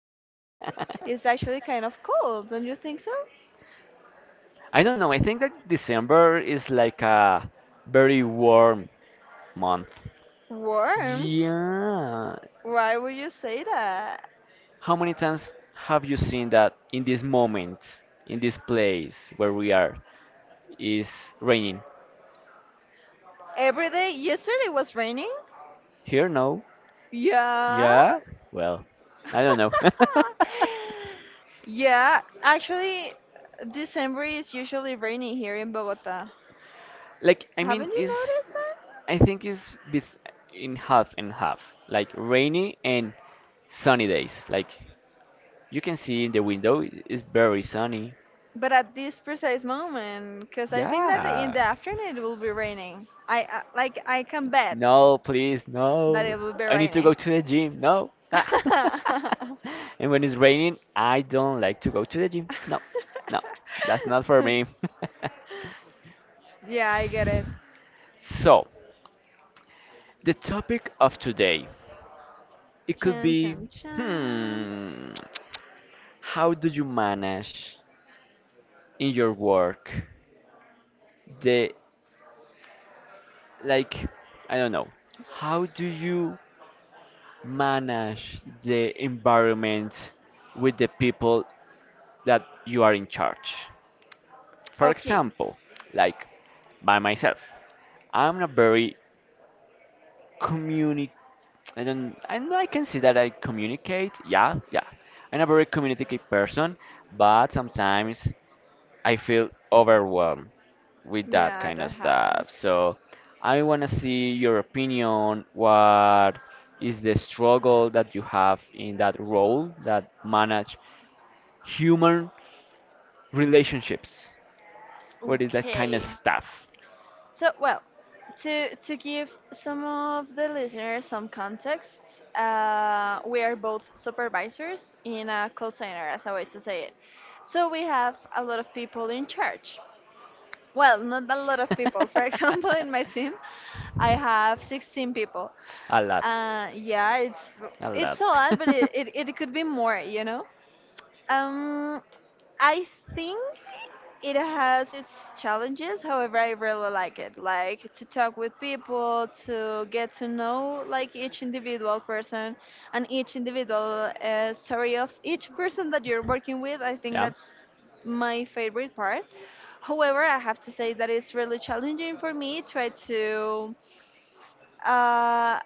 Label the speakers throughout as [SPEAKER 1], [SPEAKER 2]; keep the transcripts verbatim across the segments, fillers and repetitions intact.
[SPEAKER 1] year is actually kind of cold. Don't you think so?
[SPEAKER 2] I don't know. I think that December is like a very warm month.
[SPEAKER 1] Warm?
[SPEAKER 2] Yeah.
[SPEAKER 1] Why would you say that?
[SPEAKER 2] How many times have you seen that in this moment, in this place where we are, is raining?
[SPEAKER 1] Every day yesterday was raining?
[SPEAKER 2] Here, no.
[SPEAKER 1] Yeah.
[SPEAKER 2] Yeah? Well, I don't know.
[SPEAKER 1] yeah, actually, December is usually rainy here in Bogota.
[SPEAKER 2] Like, I mean,
[SPEAKER 1] Haven't you
[SPEAKER 2] it's,
[SPEAKER 1] noticed that?
[SPEAKER 2] I think it's bes- in half and half, like rainy and sunny days. Like, you can see in the window, i- it's very sunny.
[SPEAKER 1] But at this precise moment, because I think that in
[SPEAKER 2] Yeah.
[SPEAKER 1] the afternoon it will be raining. I uh, like I can bet
[SPEAKER 2] No, please,
[SPEAKER 1] that
[SPEAKER 2] no.
[SPEAKER 1] it will be
[SPEAKER 2] I need to go
[SPEAKER 1] raining.
[SPEAKER 2] to the gym. No. Ah. And when it's raining, I don't like to go to the gym. No, no, that's not for me.
[SPEAKER 1] yeah, I get it.
[SPEAKER 2] So, the topic of today, it could
[SPEAKER 1] Chan
[SPEAKER 2] be,
[SPEAKER 1] chan chan.
[SPEAKER 2] hmm, how do you manage in your work the, like, I don't know, how do you manage the environment with the people that you are in charge? For
[SPEAKER 1] Okay.
[SPEAKER 2] example, like, by myself, I'm a very communi I don't, and I can see that I communicate. Yeah, yeah. I'm a very communicative person, but sometimes I feel overwhelmed with that
[SPEAKER 1] Yeah,
[SPEAKER 2] kind of
[SPEAKER 1] that
[SPEAKER 2] stuff.
[SPEAKER 1] happens.
[SPEAKER 2] So I want to see your opinion. What is the struggle that you have in that role that manage human relationships? What is that kind of
[SPEAKER 1] Okay.
[SPEAKER 2] stuff?
[SPEAKER 1] So, well, to to give some of the listeners some context, uh, we are both supervisors in a call center, as a way to say it. So we have a lot of people in charge. Well, not a lot of people. For example, in my team, I have sixteen people.
[SPEAKER 2] A lot.
[SPEAKER 1] Uh, yeah, it's
[SPEAKER 2] A
[SPEAKER 1] it's
[SPEAKER 2] lot.
[SPEAKER 1] a lot, but it, it, it could be more, you know. Um, I think it has its challenges. However, I really like it. Like to talk with people, to get to know like each individual person and each individual uh, story of each person that you're working with. I think
[SPEAKER 2] Yeah.
[SPEAKER 1] that's my favorite part. However, I have to say that it's really challenging for me. Try to uh,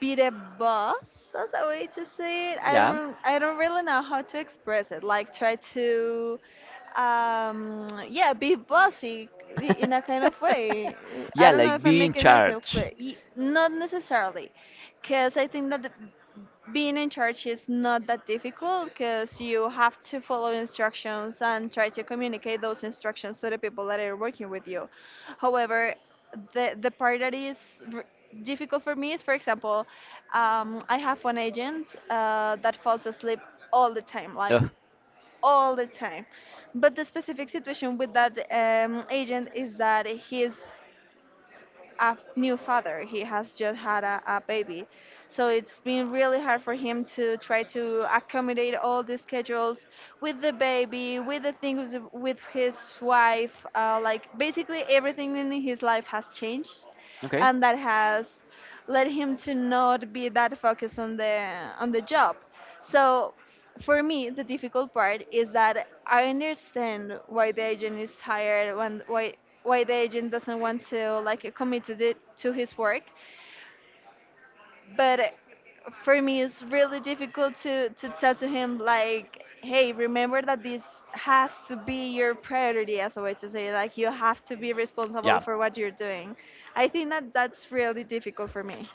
[SPEAKER 1] beat a boss as a way to say it. I
[SPEAKER 2] Yeah.
[SPEAKER 1] don't, I don't really know how to express it. Like try to, um, yeah, be bossy i- in a kind of way. I
[SPEAKER 2] Yeah,
[SPEAKER 1] don't know
[SPEAKER 2] like
[SPEAKER 1] if I'm
[SPEAKER 2] be in
[SPEAKER 1] making myself
[SPEAKER 2] charge.
[SPEAKER 1] clear. Y- Not necessarily, because I think that being in church is not that difficult because you have to follow instructions and try to communicate those instructions to the people that are working with you. However, the the part that is r- difficult for me is, for example,
[SPEAKER 2] Yeah.
[SPEAKER 1] um, I have one agent uh, that falls asleep all the time, like all the time. But the specific situation with that um, agent is that he's a f- new father. He has just had a, a baby. So it's been really hard for him to try to accommodate all the schedules with the baby, with the things with his wife. Uh, like basically everything in his life has changed.
[SPEAKER 2] Okay.
[SPEAKER 1] And that has led him to not be that focused on the on the job. So for me the difficult part is that I understand why the agent is tired when why why the agent doesn't want to like commit to the, to his work, but for me
[SPEAKER 2] Really,
[SPEAKER 1] it's really difficult to to tell to
[SPEAKER 2] like,
[SPEAKER 1] him, like, hey, remember that this has to be your priority, as a way to say, like, you have to be responsible
[SPEAKER 2] yeah.
[SPEAKER 1] for what you're doing. I think that that's really difficult for me.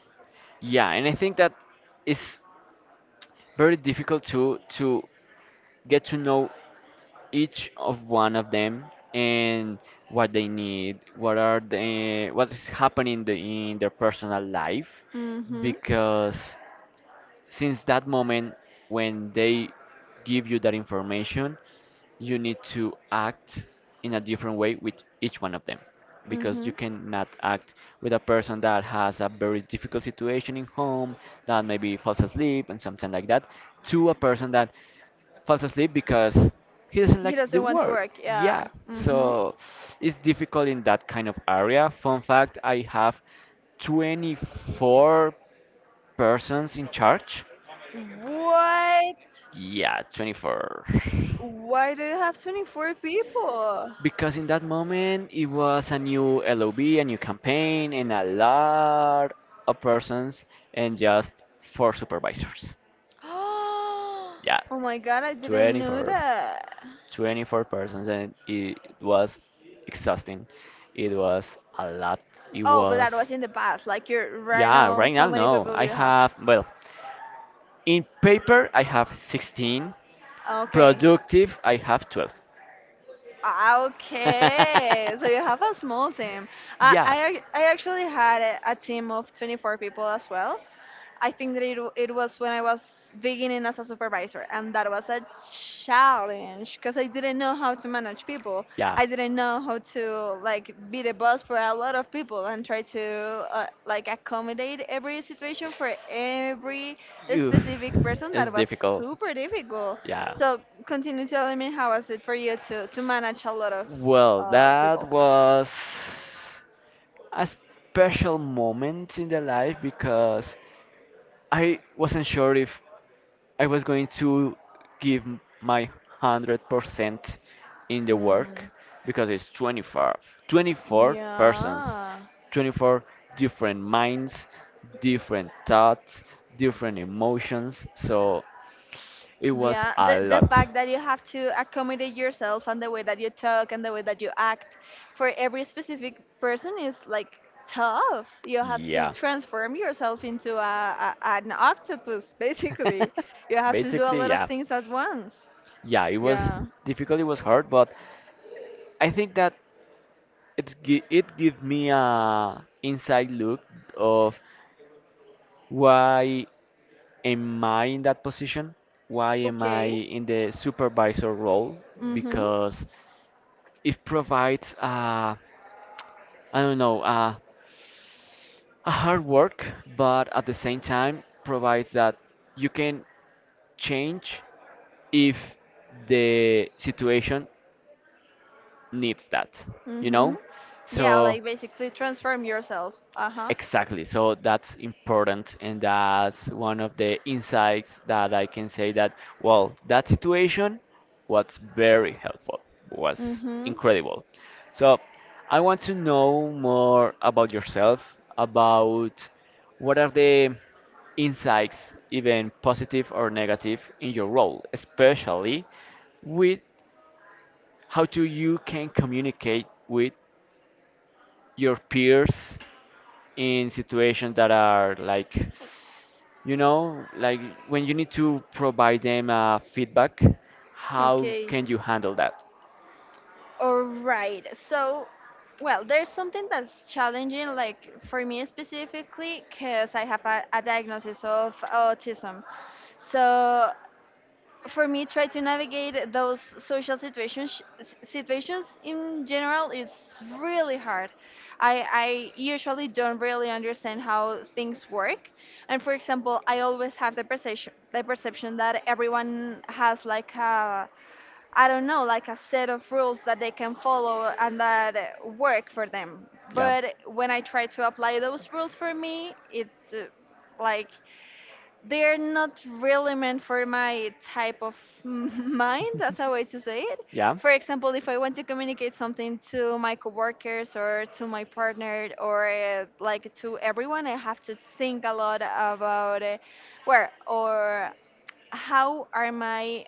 [SPEAKER 2] Yeah, and I think that is very difficult to to get to know each of one of them and what they need, what are they, what is happening the, in their personal life,
[SPEAKER 1] Mhm.
[SPEAKER 2] because since that moment when they give you that information you need to act in a different way with each one of them because you
[SPEAKER 1] Mhm.
[SPEAKER 2] cannot act with a person that has a very difficult situation in home that maybe falls asleep and something like that to a person that falls asleep because he doesn't
[SPEAKER 1] He
[SPEAKER 2] like the
[SPEAKER 1] doesn't want to
[SPEAKER 2] work.
[SPEAKER 1] work,
[SPEAKER 2] Yeah.
[SPEAKER 1] yeah. Mhm.
[SPEAKER 2] So it's difficult in that kind of area. Fun fact, I have twenty four persons in charge.
[SPEAKER 1] What?
[SPEAKER 2] Yeah, twenty four.
[SPEAKER 1] Why do you have twenty-four people?
[SPEAKER 2] Because in that moment it was a new L O B, a new campaign, and a lot of persons, and just four supervisors. Yeah,
[SPEAKER 1] Oh my god, I didn't know
[SPEAKER 2] twenty four.
[SPEAKER 1] that.
[SPEAKER 2] twenty four persons, and it was exhausting. It was a lot. It
[SPEAKER 1] Oh, but that
[SPEAKER 2] was.
[SPEAKER 1] was in the past. Like, you're right
[SPEAKER 2] Yeah,
[SPEAKER 1] now,
[SPEAKER 2] right
[SPEAKER 1] how
[SPEAKER 2] now,
[SPEAKER 1] many
[SPEAKER 2] no.
[SPEAKER 1] people do
[SPEAKER 2] I
[SPEAKER 1] you have?
[SPEAKER 2] have, well, in paper, I have sixteen.
[SPEAKER 1] Okay.
[SPEAKER 2] Productive, I have twelve.
[SPEAKER 1] Okay. So you have a small team. I
[SPEAKER 2] Yeah,
[SPEAKER 1] I, ac- I actually had a, a team of twenty-four people as well. I think that it, w- it was when I was beginning as a supervisor, and that was a challenge because I didn't know how to manage people.
[SPEAKER 2] yeah.
[SPEAKER 1] I didn't know how to like be the boss for a lot of people and try to uh, like accommodate every situation for every
[SPEAKER 2] Oof,
[SPEAKER 1] specific person.
[SPEAKER 2] it's
[SPEAKER 1] That was
[SPEAKER 2] difficult.
[SPEAKER 1] super difficult.
[SPEAKER 2] Yeah.
[SPEAKER 1] So continue telling me how was it for you to to manage a lot of
[SPEAKER 2] Well,
[SPEAKER 1] uh,
[SPEAKER 2] that
[SPEAKER 1] people?
[SPEAKER 2] was a special moment in the life because I wasn't sure if I was going to give m- my one hundred percent in the work
[SPEAKER 1] Mm,
[SPEAKER 2] because it's twenty four, twenty four persons,
[SPEAKER 1] yeah.
[SPEAKER 2] twenty four different minds, different thoughts, different emotions. So it was
[SPEAKER 1] Yeah,
[SPEAKER 2] a
[SPEAKER 1] the, the
[SPEAKER 2] lot.
[SPEAKER 1] fact that you have to accommodate yourself and the way that you talk and the way that you act for every specific person is like tough. You have to
[SPEAKER 2] Yeah.
[SPEAKER 1] transform yourself into a, a an octopus, basically. You have to do a
[SPEAKER 2] Basically,
[SPEAKER 1] lot of
[SPEAKER 2] yeah.
[SPEAKER 1] things at once.
[SPEAKER 2] Yeah, it was
[SPEAKER 1] Yeah.
[SPEAKER 2] difficult, it was hard, but I think that it gi- it give me a inside look of why am I in that position? Why am I
[SPEAKER 1] Okay.
[SPEAKER 2] in the supervisor role?
[SPEAKER 1] Mhm.
[SPEAKER 2] Because it provides uh, I don't know, uh, a hard work, but at the same time provides that you can change if the situation needs that, you know?
[SPEAKER 1] Mhm. Yeah,
[SPEAKER 2] So.
[SPEAKER 1] like basically transform yourself. Uh huh.
[SPEAKER 2] Exactly. So that's important, and that's one of the insights that I can say that, well, that situation was very helpful, was
[SPEAKER 1] Mhm.
[SPEAKER 2] incredible. So I want to know more about yourself, about what are the insights, even positive or negative, in your role, especially with how do you can communicate with your peers in situations that are like, you know, like when you need to provide them uh, feedback, how
[SPEAKER 1] Okay.
[SPEAKER 2] can you handle that?
[SPEAKER 1] All right. So, well, there's something that's challenging, like for me specifically, because I have a, a diagnosis of autism. So, for me, try to navigate those social situations s- situations in general is really hard. I I usually don't really understand how things work, and for example, I always have the perception the perception that everyone has like a I don't know, like a set of rules that they can follow and that uh, work for them.
[SPEAKER 2] Yeah,
[SPEAKER 1] But when I try to apply those rules for me, it uh, like they're not really meant for my type of mind. That's a way to say it. For example, if I want to communicate something to my coworkers or to my partner or uh, like to everyone, I have to think a lot about uh, where or how are my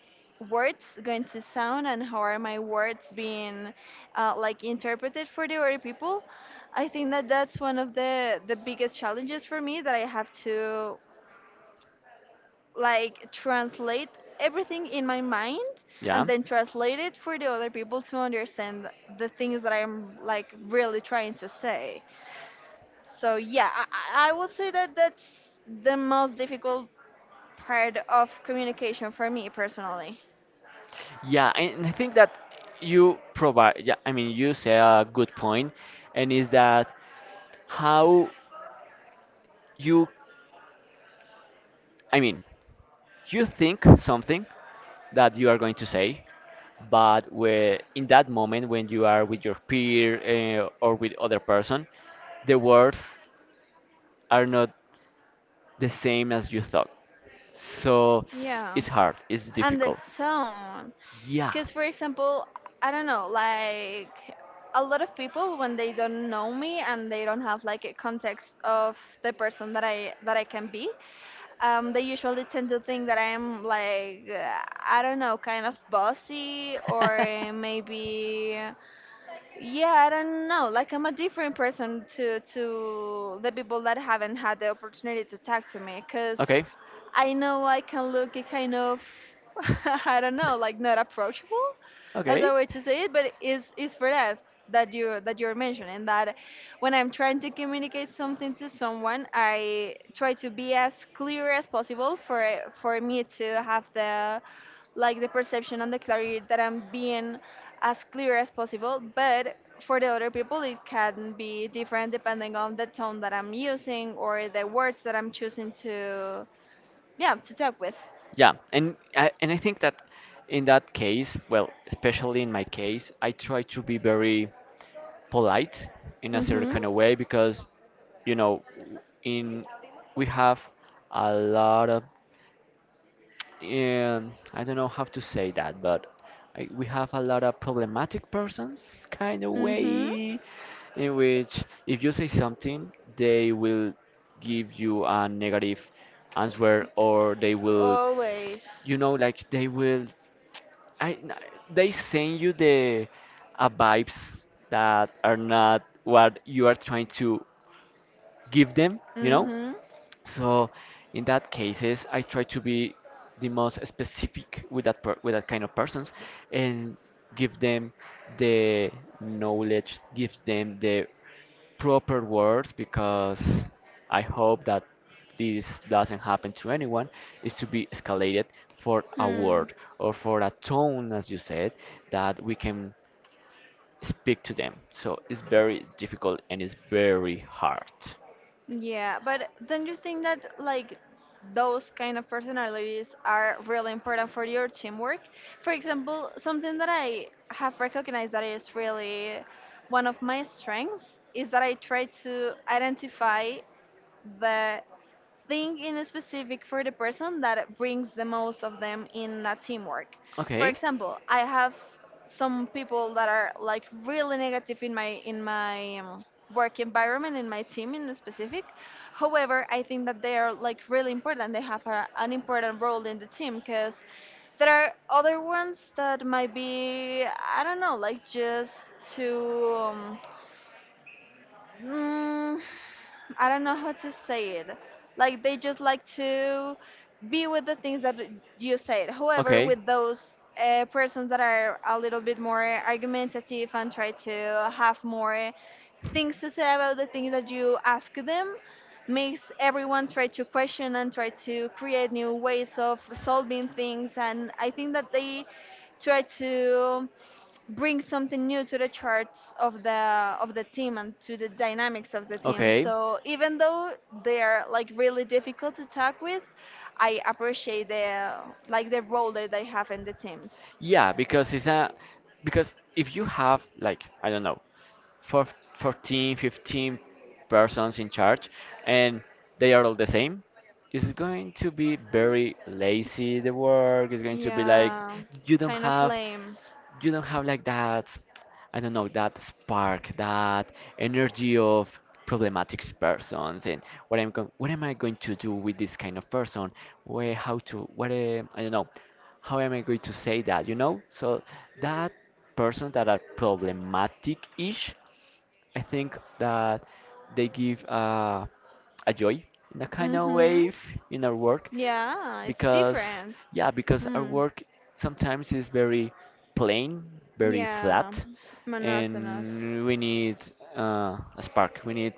[SPEAKER 1] words going to sound and how are my words being uh, like interpreted for the other people. I think that that's one of the the biggest challenges for me, that I have to like translate everything in my mind
[SPEAKER 2] yeah,
[SPEAKER 1] and
[SPEAKER 2] yeah.
[SPEAKER 1] then translate it for the other people to understand the things that I'm like really trying to say. So yeah, i, I I would say that that's the most difficult part of communication for me personally.
[SPEAKER 2] Yeah, and and I think that you provide, yeah, I mean, you say a good point, and is that how you, I mean, you think something that you are going to say, but where in that moment when you are with your peer uh, or with other person, the words are not the same as you thought. So
[SPEAKER 1] Yeah,
[SPEAKER 2] it's hard, it's
[SPEAKER 1] and the
[SPEAKER 2] difficult.
[SPEAKER 1] tone,
[SPEAKER 2] Yeah.
[SPEAKER 1] because for example I don't know, like a lot of people when they don't know me and they don't have like a context of the person that i that I can be, um, they usually tend to think that I'm like uh, I don't know, kind of bossy, or maybe yeah, I don't know, like I'm a different person to to the people that haven't had the opportunity to talk to me, because
[SPEAKER 2] Okay.
[SPEAKER 1] I know I can look kind of, I don't know, like not approachable, as
[SPEAKER 2] Okay.
[SPEAKER 1] a way to say it, but it's it's for that that you that you're mentioning, that when I'm trying to communicate something to someone, I try to be as clear as possible for for me to have the like the perception and the clarity that I'm being as clear as possible, but for the other people it can be different depending on the tone that I'm using or the words that I'm choosing to yeah to talk with.
[SPEAKER 2] Yeah, and I, and I think that in that case, well, especially in my case, I try to be very polite in a certain
[SPEAKER 1] Mhm.
[SPEAKER 2] kind of way because you know in we have a lot of um, I don't know how to say that, but I, we have a lot of problematic persons kind of
[SPEAKER 1] Mhm.
[SPEAKER 2] way in which if you say something they will give you a negative answer, or they will,
[SPEAKER 1] Always.
[SPEAKER 2] you know, like they will I n- they send you the uh, vibes that are not what you are trying to give them, you know?
[SPEAKER 1] Mhm.
[SPEAKER 2] So in that cases, I try to be the most specific with that per with that kind of persons and give them the knowledge, gives them the proper words because I hope that this doesn't happen to anyone is to be escalated for a
[SPEAKER 1] Hmm.
[SPEAKER 2] word or for a tone, as you said, that we can speak to them. So it's very difficult and it's very hard.
[SPEAKER 1] Yeah, but don't you think that like those kind of personalities are really important for your teamwork? For example, something that I have recognized that is really one of my strengths is that I try to identify the think in specific for the person that brings the most of them in a teamwork. For
[SPEAKER 2] Okay.
[SPEAKER 1] example, I have some people that are like really negative in my in my um, work environment, in my team in specific. However, I think that they are like really important. They have a, an important role in the team, because there are other ones that might be I don't know, like just too um, mm, I don't know how to say it. Like they just like to be with the things that you said. However,
[SPEAKER 2] Okay.
[SPEAKER 1] with those uh, persons that are a little bit more argumentative and try to have more things to say about the things that you ask them, makes everyone try to question and try to create new ways of solving things. And I think that they try to bring something new to the charts of the of the team and to the dynamics of the team.
[SPEAKER 2] Okay.
[SPEAKER 1] So even though they're like really difficult to talk with, I appreciate the like the role that they have in the teams.
[SPEAKER 2] Yeah, because it's a because if you have like I don't know, four, fourteen, fifteen persons in charge and they are all the same, it's going to be very lazy the work. It's going to be like
[SPEAKER 1] Yeah,
[SPEAKER 2] you don't
[SPEAKER 1] kind of
[SPEAKER 2] have
[SPEAKER 1] lame.
[SPEAKER 2] you don't have like that I don't know that spark, that energy of problematic persons, and what I'm going, what am I going to do with this kind of person? Where, how to, what, uh, I don't know, how am I going to say that? You know, so that person that are problematic-ish, I think that they give uh, a joy in a kind of
[SPEAKER 1] Mhm.
[SPEAKER 2] way in our work
[SPEAKER 1] Yeah, it's
[SPEAKER 2] because
[SPEAKER 1] different.
[SPEAKER 2] yeah because our
[SPEAKER 1] Mm.
[SPEAKER 2] work sometimes is very plain, very
[SPEAKER 1] Yeah,
[SPEAKER 2] flat,
[SPEAKER 1] monotonous.
[SPEAKER 2] and we need uh, a spark, we need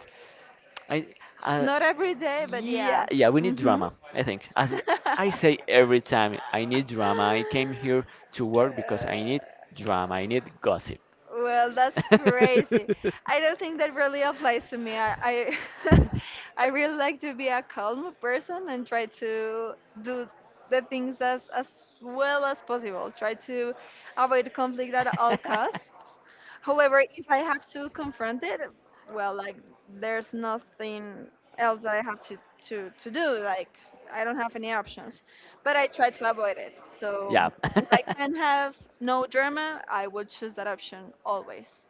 [SPEAKER 2] I uh,
[SPEAKER 1] Not every day, but
[SPEAKER 2] yeah
[SPEAKER 1] yeah.
[SPEAKER 2] yeah we need
[SPEAKER 1] Mhm.
[SPEAKER 2] drama I think as I say every time I need drama I came here to work because I
[SPEAKER 1] Uh,
[SPEAKER 2] need drama, I need gossip.
[SPEAKER 1] well, that's crazy. I don't think that really applies to me. I I, I really like to be a calm person and try to do the things as as well as possible. Try to avoid conflict at all costs. However, if I have to confront it, well, like there's nothing else that I have to to to do. Like I don't have any options, but I try to avoid it. So
[SPEAKER 2] Yeah.
[SPEAKER 1] if I can have no drama, I would choose that option always.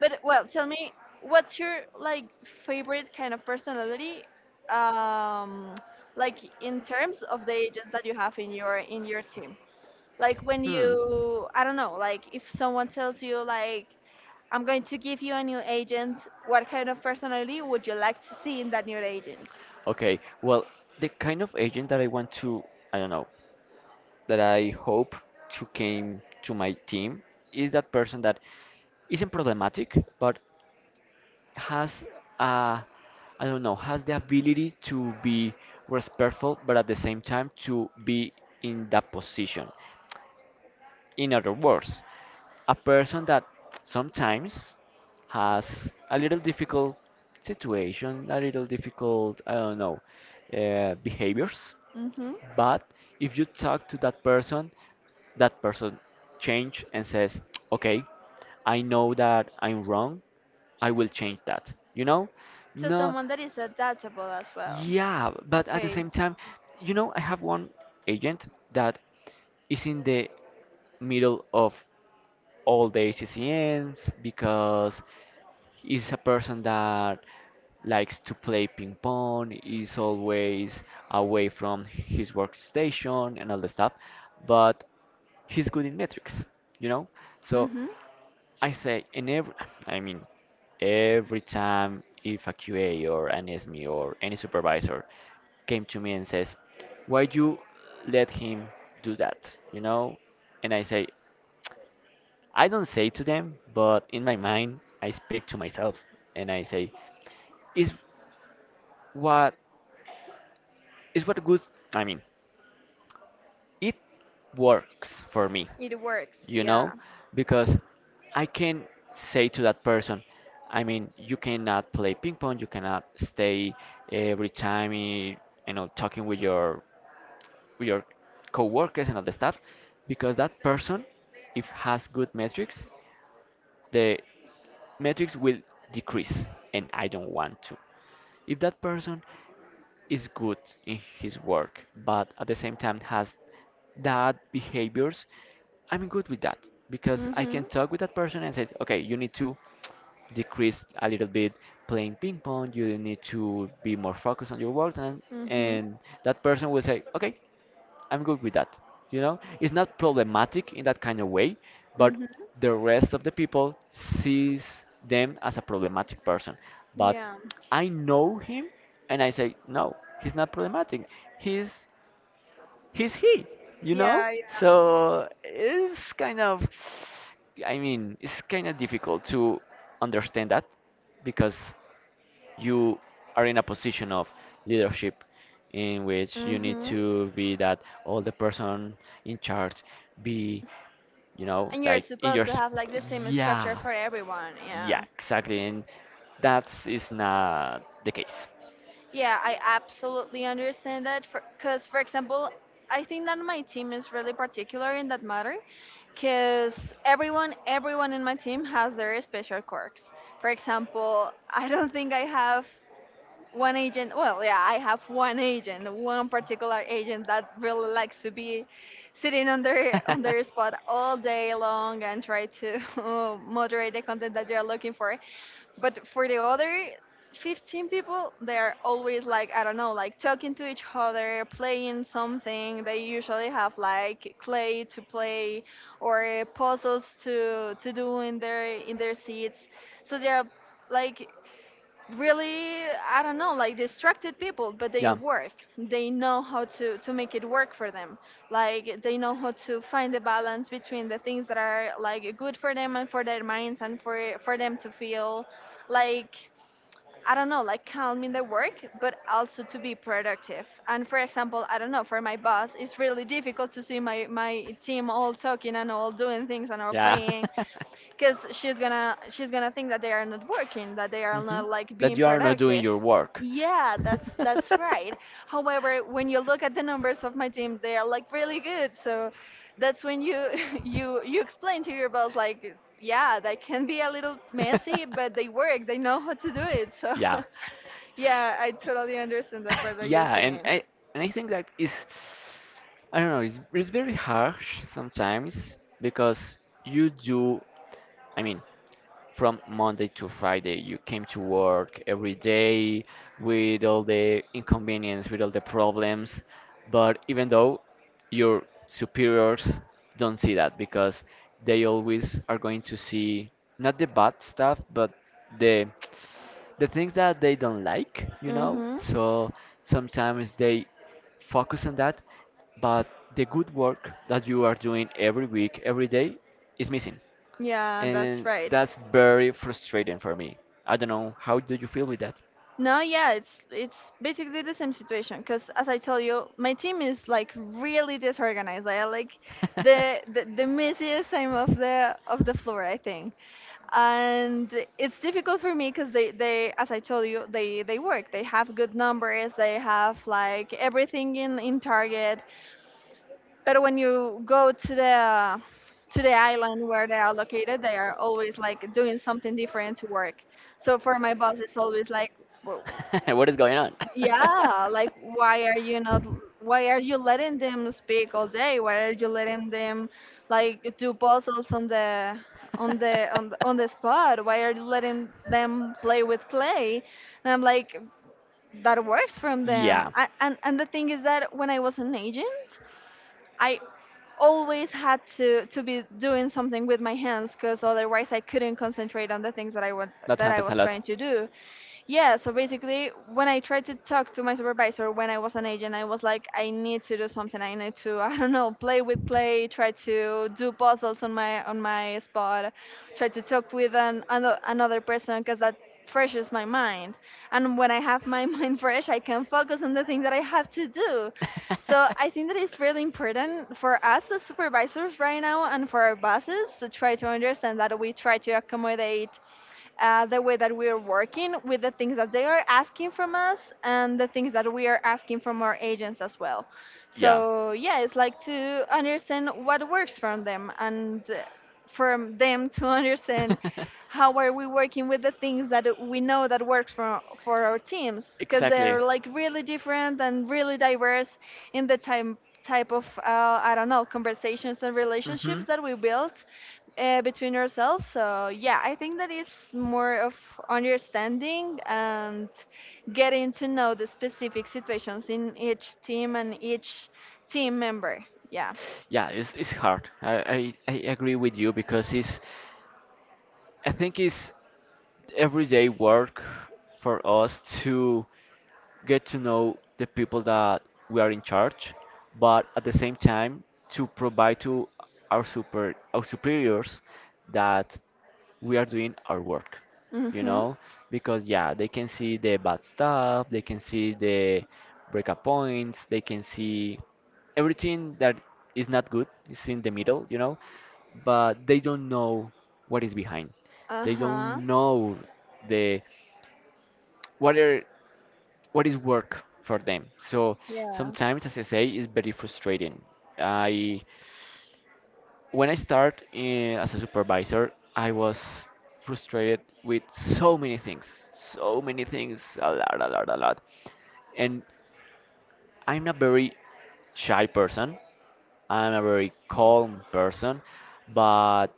[SPEAKER 1] But well, tell me, what's your like favorite kind of personality? Um, like in terms of the agents that you have in your in your team. Like when
[SPEAKER 2] Hmm.
[SPEAKER 1] you, I don't know, like if someone tells you like I'm going to give you a new agent, what kind of personality would you like to see in that new agent?
[SPEAKER 2] Okay. Well, the kind of agent that I want to, I don't know, that I hope to came to my team is that person that isn't problematic, but has uh I don't know, has the ability to be respectful, but at the same time to be in that position. In other words, a person that sometimes has a little difficult situation, a little difficult, I don't know, uh, behaviors,
[SPEAKER 1] Mm-hmm.
[SPEAKER 2] but if you talk to that person, that person change and says, "Okay, I know that I'm wrong. I will change that." You know?
[SPEAKER 1] So
[SPEAKER 2] No,
[SPEAKER 1] someone that is adaptable as well.
[SPEAKER 2] yeah, but at the
[SPEAKER 1] Okay.
[SPEAKER 2] same time, you know, I have one agent that is in the middle of all the H C C Ms because he's a person that likes to play ping pong, is always away from his workstation and all the stuff, but he's good in metrics, you know? So
[SPEAKER 1] Mm-hmm.
[SPEAKER 2] I say in every I mean every time if a Q A or an S M E or any supervisor came to me and says, why you let him do that? You know? And I say, I don't say to them, but in my mind, I speak to myself and I say, is what is what good I mean, it works for me,
[SPEAKER 1] It works,
[SPEAKER 2] you
[SPEAKER 1] yeah.
[SPEAKER 2] know, because I can say to that person, I mean, you cannot play ping pong, you cannot stay every time, eh, you know, talking with your with your coworkers and all the stuff, because that person, if has good metrics, the metrics will decrease and I don't want to. If that person is good in his work but at the same time has that behaviors, I'm good with that because I can
[SPEAKER 1] Mhm.
[SPEAKER 2] talk with that person and say, okay, you need to decrease a little bit playing ping pong, you need to be more focused on your work, and
[SPEAKER 1] Mhm.
[SPEAKER 2] and that person will say, okay, I'm good with that. You know, it's not problematic in that kind of way, but
[SPEAKER 1] Mhm.
[SPEAKER 2] the rest of the people sees them as a problematic person. But
[SPEAKER 1] Yeah.
[SPEAKER 2] I know him, and I say, no, he's not problematic. He's he's he. You know,
[SPEAKER 1] Yeah.
[SPEAKER 2] so it's kind of, I mean, it's kind of difficult to understand that because you are in a position of leadership in which you need
[SPEAKER 1] Mhm.
[SPEAKER 2] to be that all the person in charge be you know
[SPEAKER 1] And you're
[SPEAKER 2] like in
[SPEAKER 1] supposed
[SPEAKER 2] your
[SPEAKER 1] to
[SPEAKER 2] sp-
[SPEAKER 1] have like the same structure
[SPEAKER 2] yeah
[SPEAKER 1] for everyone.
[SPEAKER 2] yeah
[SPEAKER 1] Yeah.
[SPEAKER 2] exactly, and that is not the case.
[SPEAKER 1] Yeah, I absolutely understand that. For, Cause for example, I think that my team is really particular in that matter, cause everyone, everyone in my team has their special quirks. For example, I don't think I have one agent, well yeah I have one agent, one particular agent that really likes to be sitting on their on their spot all day long and try to uh, moderate the content that they're looking for. But for the other fifteen people, they're always like, I don't know, like talking to each other, playing something. They usually have like clay to play or puzzles to to do in their in their seats. So they're like really, I don't know, like distracted people, but they
[SPEAKER 2] Yeah.
[SPEAKER 1] work. They know how to to make it work for them. Like they know how to find the balance between the things that are like good for them and for their minds and for for them to feel like, I don't know, like calm in their work, but also to be productive. And for example, I don't know, for my boss it's really difficult to see my my team all talking and all doing things and all
[SPEAKER 2] Because.
[SPEAKER 1] playing, because she's gonna she's gonna think that they are not working, that they are not like
[SPEAKER 2] That
[SPEAKER 1] being
[SPEAKER 2] you are not doing
[SPEAKER 1] productive.
[SPEAKER 2] your work.
[SPEAKER 1] Yeah, that's that's right. However, when you look at the numbers of my team, they are like really good. So that's when you you you explain to your boss like, yeah, they can be a little messy, but they work, they know how to do it. So
[SPEAKER 2] Yeah.
[SPEAKER 1] yeah, I totally understand that part that you're
[SPEAKER 2] Yeah, and
[SPEAKER 1] saying.
[SPEAKER 2] I and I think that is I don't know, it's it's very harsh sometimes because you do I mean from Monday to Friday. You came to work every day with all the inconvenience, with all the problems. But even though your superiors don't see that because they always are going to see not the bad stuff, but the the things that they don't like, you know?
[SPEAKER 1] Mm-hmm.
[SPEAKER 2] So sometimes they focus on that, but the good work that you are doing every week, every day is missing,
[SPEAKER 1] Yeah, that's
[SPEAKER 2] and
[SPEAKER 1] right.
[SPEAKER 2] that's very frustrating for me. I don't know how do you feel with that?
[SPEAKER 1] No, yeah, it's it's basically the same situation because as I told you, my team is like really disorganized. I like the, the the messiest time of the of the floor, I think. And it's difficult for me because they, they, as I told you, they, they work. They have good numbers. They have like everything in, in target. But when you go to the to the island where they are located, they are always like doing something different to work. So for my boss, it's always like, "Well,
[SPEAKER 2] What is going on?
[SPEAKER 1] yeah, like why are you not, why are you letting them speak all day? Why are you letting them like do puzzles on the on the on the, on the spot? Why are you letting them play with clay? And I'm like that works from them.
[SPEAKER 2] Yeah,
[SPEAKER 1] I, and and the thing is that when I was an agent, I always had to to be doing something with my hands because otherwise I couldn't concentrate on the things that I want
[SPEAKER 2] that
[SPEAKER 1] that I
[SPEAKER 2] happens a
[SPEAKER 1] was
[SPEAKER 2] lot.
[SPEAKER 1] trying to do. Yeah, so basically, when I tried to talk to my supervisor when I was an agent, I was like, I need to do something. I need to, I don't know, play with clay, try to do puzzles on my on my spot, try to talk with an ano- another person because that freshes my mind. And when I have my mind fresh, I can focus on the thing that I have to do. So I think that it's really important for us as supervisors right now and for our bosses to try to understand that we try to accommodate uh, the way that we are working with the things that they are asking from us and the things that we are asking from our agents as well.
[SPEAKER 2] Yeah.
[SPEAKER 1] So yeah, it's like to understand what works from them and uh, from them to understand how are we working with the things that we know that works for for our teams because
[SPEAKER 2] Exactly.
[SPEAKER 1] they're like really different and really diverse in the time type of uh, I don't know, conversations and
[SPEAKER 2] Hmm.
[SPEAKER 1] relationships that we built uh, between ourselves. So yeah, I think that it's more of understanding and getting to know the specific situations in each team and each team member. Yeah.
[SPEAKER 2] Yeah, it's, it's hard. I, I, I agree with you because it's, I think it's everyday work for us to get to know the people that we are in charge, but at the same time to provide to our super our superiors that we are doing our work. You
[SPEAKER 1] Mhm.
[SPEAKER 2] know, because yeah, they can see the bad stuff, they can see the breakup points, they can see everything that is not good is in the middle, you know, but they don't know what is behind.
[SPEAKER 1] Uh
[SPEAKER 2] They
[SPEAKER 1] huh.
[SPEAKER 2] don't know the, what are, what is work for them. So
[SPEAKER 1] Yeah.
[SPEAKER 2] sometimes, as I say, it's very frustrating. I, when I start eh, as a supervisor, I was frustrated with so many things, so many things, a lot, a lot, a lot. And I'm a very shy person. I'm a very calm person, but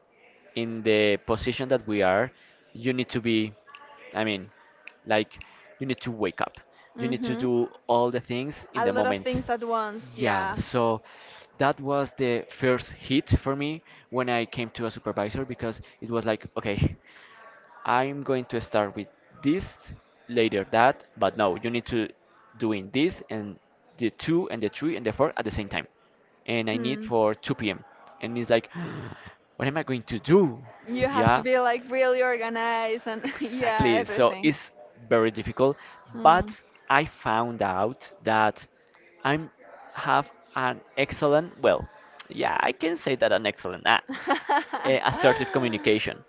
[SPEAKER 2] in the position that we are, you need to be, I mean, like, you need to wake up. You need to
[SPEAKER 1] Mhm.
[SPEAKER 2] do all the things in
[SPEAKER 1] A
[SPEAKER 2] the
[SPEAKER 1] lot of
[SPEAKER 2] moment.
[SPEAKER 1] things at once.
[SPEAKER 2] Yeah,
[SPEAKER 1] Yeah.
[SPEAKER 2] so that was the first hit for me when I came to a supervisor because it was like, okay. I'm going to start with this, later that, but no, you need to doing this and the two and the three and the four at the same time. And I need
[SPEAKER 1] Hmm.
[SPEAKER 2] for two p m. And it's like, what am I going to do?
[SPEAKER 1] You have to
[SPEAKER 2] Yeah,
[SPEAKER 1] be like really organized and yeah,
[SPEAKER 2] exactly. So
[SPEAKER 1] everything.
[SPEAKER 2] it's very difficult, but
[SPEAKER 1] Hmm.
[SPEAKER 2] I found out that I'm have an excellent, well, yeah, I can say that an excellent uh, eh, assertive communication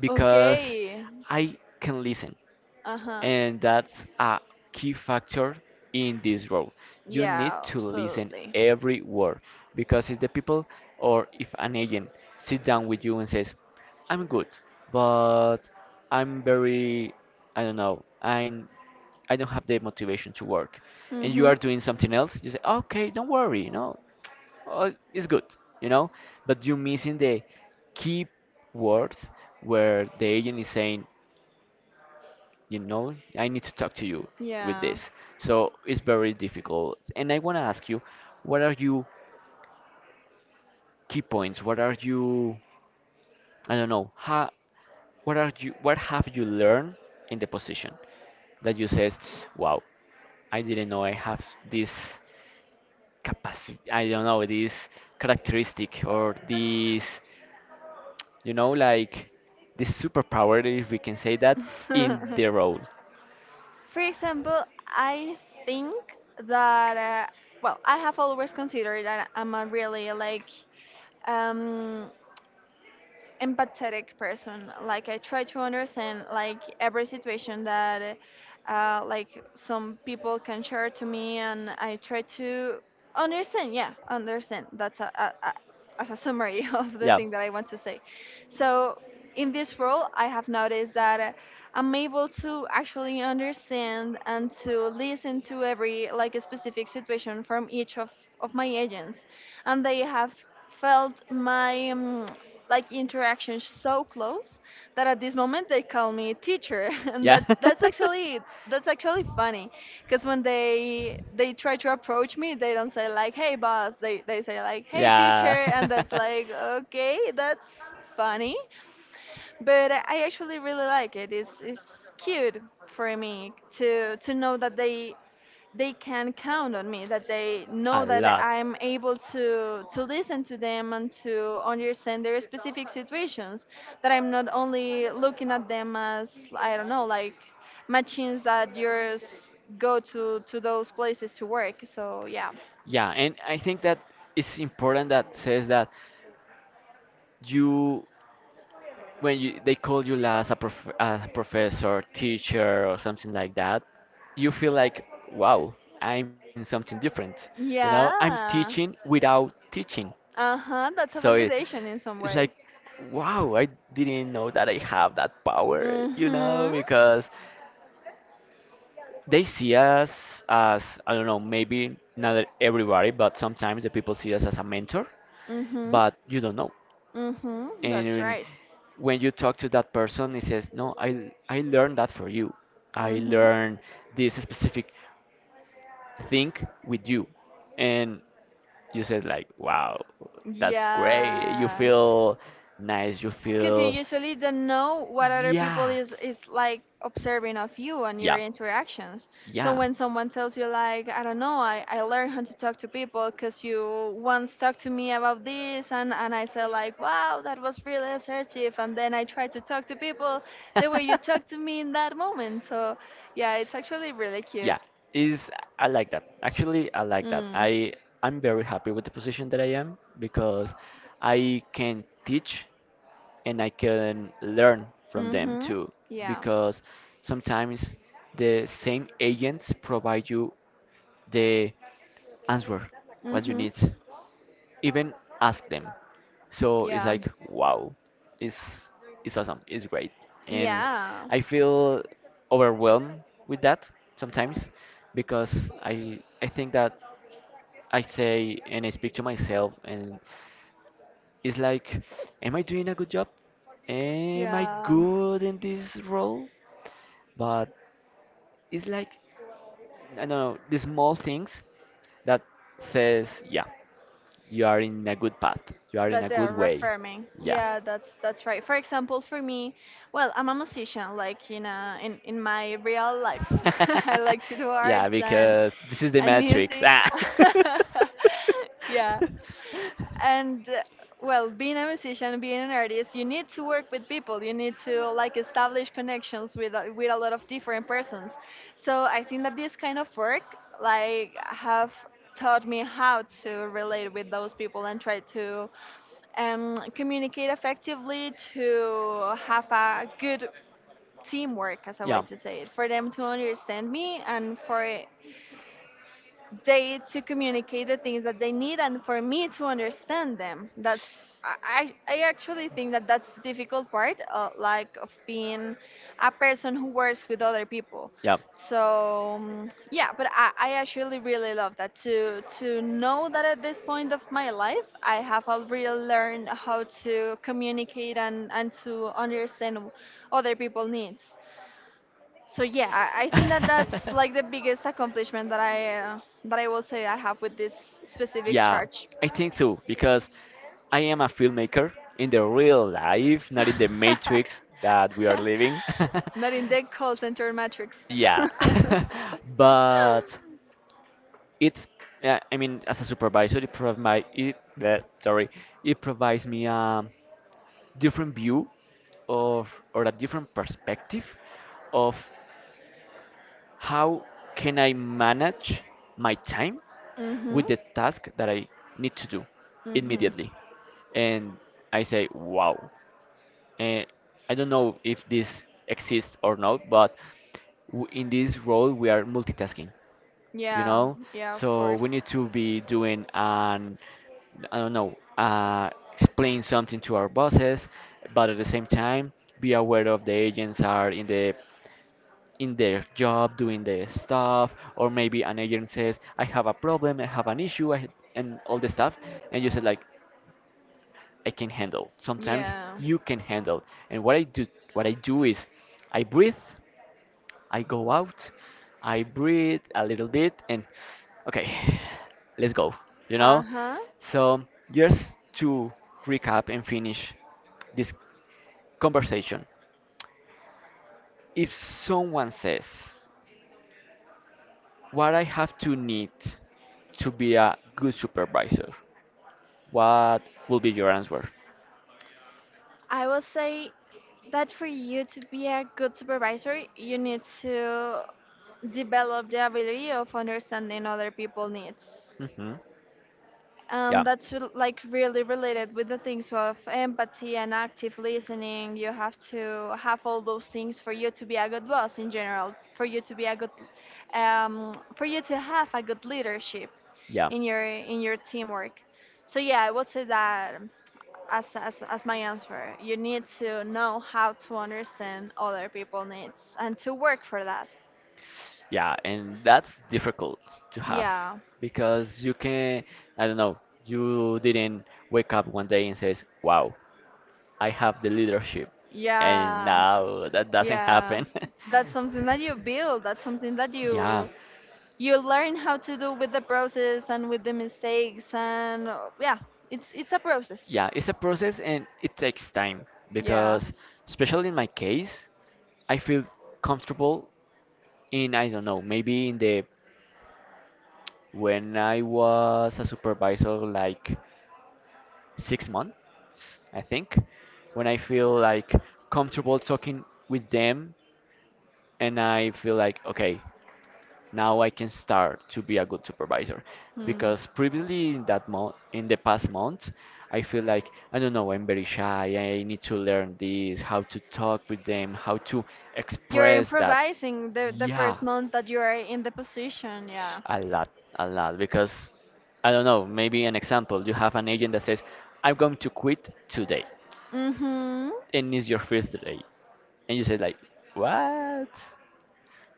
[SPEAKER 2] because
[SPEAKER 1] Okay.
[SPEAKER 2] I can listen,
[SPEAKER 1] Uh-huh.
[SPEAKER 2] and that's a key factor in this role. You need
[SPEAKER 1] Yeah,
[SPEAKER 2] to listen
[SPEAKER 1] absolutely.
[SPEAKER 2] every word because if the people or if an agent sit down with you and says, "I'm good, but I'm very, I don't know, I'm I don't have the motivation to work," and you
[SPEAKER 1] Mm-hmm.
[SPEAKER 2] are doing something else, you say, "Okay, don't worry, you know, uh, it's good, you know, but you're missing the key words where the agent is saying, you know, I need to talk to you with
[SPEAKER 1] Yeah.
[SPEAKER 2] this." So it's very difficult. And I want to ask you, what are you key points? What are you, I don't know, how, what are you, what have you learned in the position that you says, wow, I didn't know I have this capacity, I don't know, this characteristic or this, you know, like this superpower, if we can say that, in the role.
[SPEAKER 1] For example, I think that uh, well, I have always considered that I'm a really like um empathetic person. Like I try to understand like every situation that uh, like some people can share to me, and I try to understand. Yeah, understand. That's a, a, a as a summary of the
[SPEAKER 2] Yeah.
[SPEAKER 1] thing that I want to say. So in this role, I have noticed that uh, I'm able to actually understand and to listen to every like a specific situation from each of, of my agents, and they have felt my um, like interaction so close that at this moment they call me teacher, and
[SPEAKER 2] Yeah.
[SPEAKER 1] that that's actually that's actually funny because when they they try to approach me, they don't say like hey boss, they they say like hey
[SPEAKER 2] Yeah.
[SPEAKER 1] teacher, and that's like okay, that's funny, but I I actually really like it. It's it's cute for me to to know that they they can count on me, that they
[SPEAKER 2] A
[SPEAKER 1] know that
[SPEAKER 2] lot.
[SPEAKER 1] I'm able to to listen to them and to understand their specific situations. That I'm not only looking at them as I don't know, like machines that yours go to to those places to work. So yeah,
[SPEAKER 2] Yeah, and I think that it's important that says that you, when you they call you as a prof as a professor, teacher, or something like that, you feel like, wow, I'm doing something different. You know, I'm
[SPEAKER 1] yeah,
[SPEAKER 2] teaching without teaching.
[SPEAKER 1] uh huh. That's a
[SPEAKER 2] So it,
[SPEAKER 1] validation in some
[SPEAKER 2] it's
[SPEAKER 1] way.
[SPEAKER 2] like, wow, I didn't know that I have that power. You know,
[SPEAKER 1] Mhm.
[SPEAKER 2] because they see us as, I don't know, maybe not everybody, but sometimes the people see us as a mentor,
[SPEAKER 1] Mhm.
[SPEAKER 2] but you don't know.
[SPEAKER 1] Mm-hmm, that's
[SPEAKER 2] And
[SPEAKER 1] right.
[SPEAKER 2] when you talk to that person, he says, no, I I learned that for you, I
[SPEAKER 1] Mm-hmm.
[SPEAKER 2] learned this specific thing with you, and you said like, wow, that's great, you
[SPEAKER 1] Yeah.
[SPEAKER 2] feel nice, you
[SPEAKER 1] Because you
[SPEAKER 2] feel,
[SPEAKER 1] usually don't know what other people
[SPEAKER 2] yeah,
[SPEAKER 1] is, is like observing of you and your
[SPEAKER 2] yeah,
[SPEAKER 1] interactions. So
[SPEAKER 2] yeah.
[SPEAKER 1] when someone tells you like, I don't know, I, I learned how to talk to people because you once talked to me about this and, and I said like, wow, that was really assertive. And then I tried to talk to people the way you talked to me in that moment. So yeah, it's actually really cute.
[SPEAKER 2] Yeah, is, I like that. Actually, I like that.
[SPEAKER 1] Mm.
[SPEAKER 2] I I'm very happy with the position that I am because I can teach, and I can learn from them
[SPEAKER 1] Mm-hmm.
[SPEAKER 2] too.
[SPEAKER 1] Yeah.
[SPEAKER 2] Because sometimes the same agents provide you the answer what you
[SPEAKER 1] Mm-hmm.
[SPEAKER 2] need even ask them. So it's
[SPEAKER 1] Yeah,
[SPEAKER 2] like, wow, it's it's awesome, it's great, and
[SPEAKER 1] yeah,
[SPEAKER 2] I feel overwhelmed with that sometimes because I I think that I say and I speak to myself, and it's like, am I doing a good job? Am I
[SPEAKER 1] yeah.
[SPEAKER 2] good in this role? But it's like, I don't know, the small things that says, yeah, you are in a good path. You are in
[SPEAKER 1] That
[SPEAKER 2] a
[SPEAKER 1] they're
[SPEAKER 2] good way.
[SPEAKER 1] reaffirming.
[SPEAKER 2] Yeah.
[SPEAKER 1] Yeah, that's that's right. For example, for me, well, I'm a musician. Like in a, in in my real life, I like to do
[SPEAKER 2] Yeah,
[SPEAKER 1] arts and
[SPEAKER 2] because this is the
[SPEAKER 1] and
[SPEAKER 2] matrix.
[SPEAKER 1] music.
[SPEAKER 2] Ah.
[SPEAKER 1] Yeah, and uh, well, being a musician, being an artist, you need to work with people, you need to like establish connections with a- with a lot of different persons. So I think that this kind of work like have taught me how to relate with those people and try to um, communicate effectively to have a good teamwork, as a
[SPEAKER 2] Yeah.
[SPEAKER 1] way to say it, for them to understand me and for they to communicate the things that they need and for me to understand them. That's i i I actually think that that's the difficult part, uh, like of being a person who works with other people.
[SPEAKER 2] Yeah.
[SPEAKER 1] So um, yeah, but I, I actually really love that to to know that at this point of my life I have already learned how to communicate and and to understand other people's needs. So yeah, I I think that that's like the biggest accomplishment that I uh, that I will say I have with this specific
[SPEAKER 2] Yeah,
[SPEAKER 1] charge.
[SPEAKER 2] I think so, because I am a filmmaker in the real life, not in the matrix that we are living.
[SPEAKER 1] Not in the call center matrix.
[SPEAKER 2] Yeah, but it's, yeah, I mean, as a supervisor, it provide it, bleh, sorry, it provides me a different view of, or a different perspective of, how can I manage my time
[SPEAKER 1] Mhm.
[SPEAKER 2] with the task that I need to do
[SPEAKER 1] Mhm.
[SPEAKER 2] immediately? And I say, wow. And I don't know if this exists or not, but w- in this role we are multitasking, you
[SPEAKER 1] Yeah.
[SPEAKER 2] know?
[SPEAKER 1] Yeah. Of
[SPEAKER 2] So
[SPEAKER 1] course.
[SPEAKER 2] we need to be doing an, I don't know, uh, explain something to our bosses, but at the same time, be aware of the agents are in the in their job doing their stuff, or maybe an agent says, I have a problem, I have an issue, I, and all the stuff, and you said like, I can handle, sometimes
[SPEAKER 1] Yeah.
[SPEAKER 2] you can handle. And what i do what i do is, I breathe, I go out, I breathe a little bit, and okay, let's go, you
[SPEAKER 1] Uh
[SPEAKER 2] know.
[SPEAKER 1] huh.
[SPEAKER 2] So just to recap and finish this conversation, if someone says, what I have to need to be a good supervisor? What will be your answer?
[SPEAKER 1] I will say that for you to be a good supervisor, you need to develop the ability of understanding other people's needs.
[SPEAKER 2] Hmm.
[SPEAKER 1] Um,
[SPEAKER 2] Yeah.
[SPEAKER 1] that's re- like really related with the things of empathy and active listening. You have to have all those things for you to be a good boss in general, for you to be a good, um, for you to have a good leadership
[SPEAKER 2] Yeah.
[SPEAKER 1] in your in your teamwork. So yeah, I would say that, as as as my answer, you need to know how to understand other people needs and to work for that.
[SPEAKER 2] Yeah, and that's difficult to have
[SPEAKER 1] Yeah,
[SPEAKER 2] because you can, I don't know, you didn't wake up one day and says, "Wow, I have the leadership," and
[SPEAKER 1] yeah,
[SPEAKER 2] now that doesn't
[SPEAKER 1] yeah.
[SPEAKER 2] happen.
[SPEAKER 1] That's something that you build. That's something that
[SPEAKER 2] Yeah,
[SPEAKER 1] you you learn how to do with the process and with the mistakes and uh, yeah, it's it's a process.
[SPEAKER 2] yeah, it's a process and it takes time
[SPEAKER 1] Yeah.
[SPEAKER 2] because, especially in my case, I feel comfortable in, I don't know, maybe in the, when I was a supervisor, like six months, I think, when I feel like comfortable talking with them, and I feel like, okay, now I can start to be a good supervisor.
[SPEAKER 1] Mm.
[SPEAKER 2] Because previously in that month, in the past month, I feel like, I don't know, I'm very shy, I need to learn this, how to talk with them, how to
[SPEAKER 1] You're
[SPEAKER 2] express that.
[SPEAKER 1] improvising the the
[SPEAKER 2] Yeah,
[SPEAKER 1] first month that you are in the position. Yeah.
[SPEAKER 2] a lot, a lot, because I don't know, maybe an example, you have an agent that says, I'm going to quit today.
[SPEAKER 1] Mm-hmm.
[SPEAKER 2] And it's your first day and you say like, what,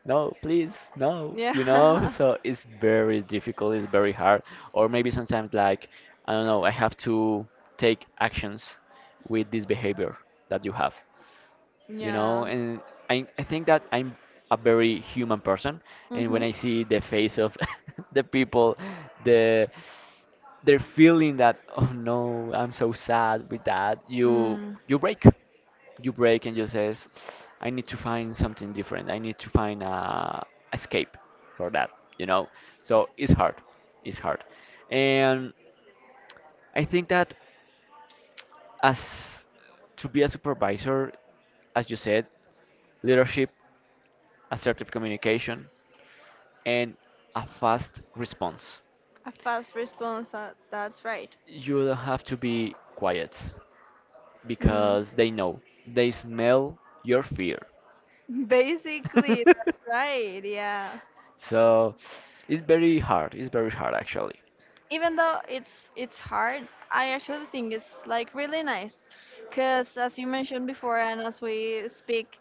[SPEAKER 2] no, please, no, you know.
[SPEAKER 1] Yeah.
[SPEAKER 2] So it's very difficult, it's very hard. Or maybe sometimes like, I don't know, I have to take actions with this behavior that you have, you know.
[SPEAKER 1] Yeah.
[SPEAKER 2] And I, I think that I'm a very human person, and
[SPEAKER 1] Mm-hmm.
[SPEAKER 2] when I see the face of the people, the, they're feeling that, oh no, I'm so sad with that, you
[SPEAKER 1] Mm.
[SPEAKER 2] you break, you break, and you says, I need to find something different, I need to find a escape for that, you know. So it's hard, it's hard. And I think that as to be a supervisor, as you said, leadership, assertive communication, and a fast response.
[SPEAKER 1] A fast response, that, that's right.
[SPEAKER 2] You don't have to be quiet
[SPEAKER 1] Mm.
[SPEAKER 2] because they know, they smell your fear.
[SPEAKER 1] Basically that's right, yeah.
[SPEAKER 2] So it's very hard, it's very hard actually.
[SPEAKER 1] Even though it's it's hard, I actually think it's like really nice because as you mentioned before and as we speak,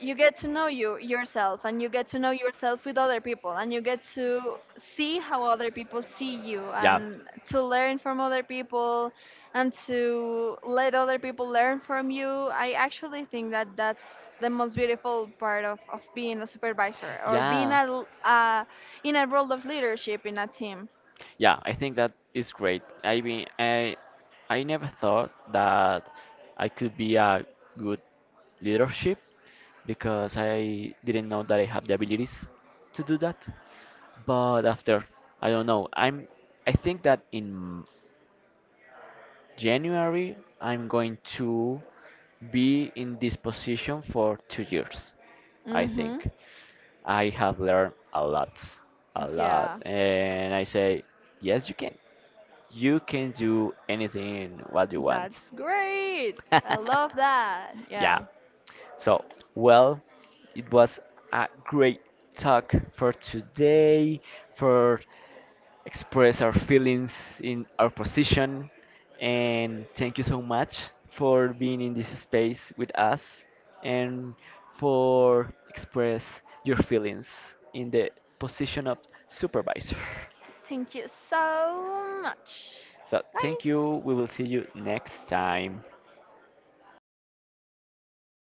[SPEAKER 1] you get to know you yourself and you get to know yourself with other people and you get to see how other people see you
[SPEAKER 2] Yeah.
[SPEAKER 1] and to learn from other people and to let other people learn from you. I actually think that that's the most beautiful part of, of being a supervisor or being
[SPEAKER 2] Yeah.
[SPEAKER 1] a, l- a- in a role of leadership in a team.
[SPEAKER 2] Yeah, I think that is great. I mean, I I never thought that I could be a good leadership because I didn't know that I have the abilities to do that. But after, I don't know. I'm I think that in January, I'm going to be in this position for two years, I
[SPEAKER 1] Hmm.
[SPEAKER 2] think. I have learned a lot, a lot.
[SPEAKER 1] Yeah,
[SPEAKER 2] And I say, yes, you can. You can do anything what you want.
[SPEAKER 1] that's great. I love that.
[SPEAKER 2] Yeah.
[SPEAKER 1] Yeah.
[SPEAKER 2] So, well, it was a great talk for today, for express our feelings in our position, and thank you so much for being in this space with us and for express your feelings in the position of supervisor.
[SPEAKER 1] Thank you so much.
[SPEAKER 2] So,
[SPEAKER 1] Bye.
[SPEAKER 2] thank you. We will see you next time.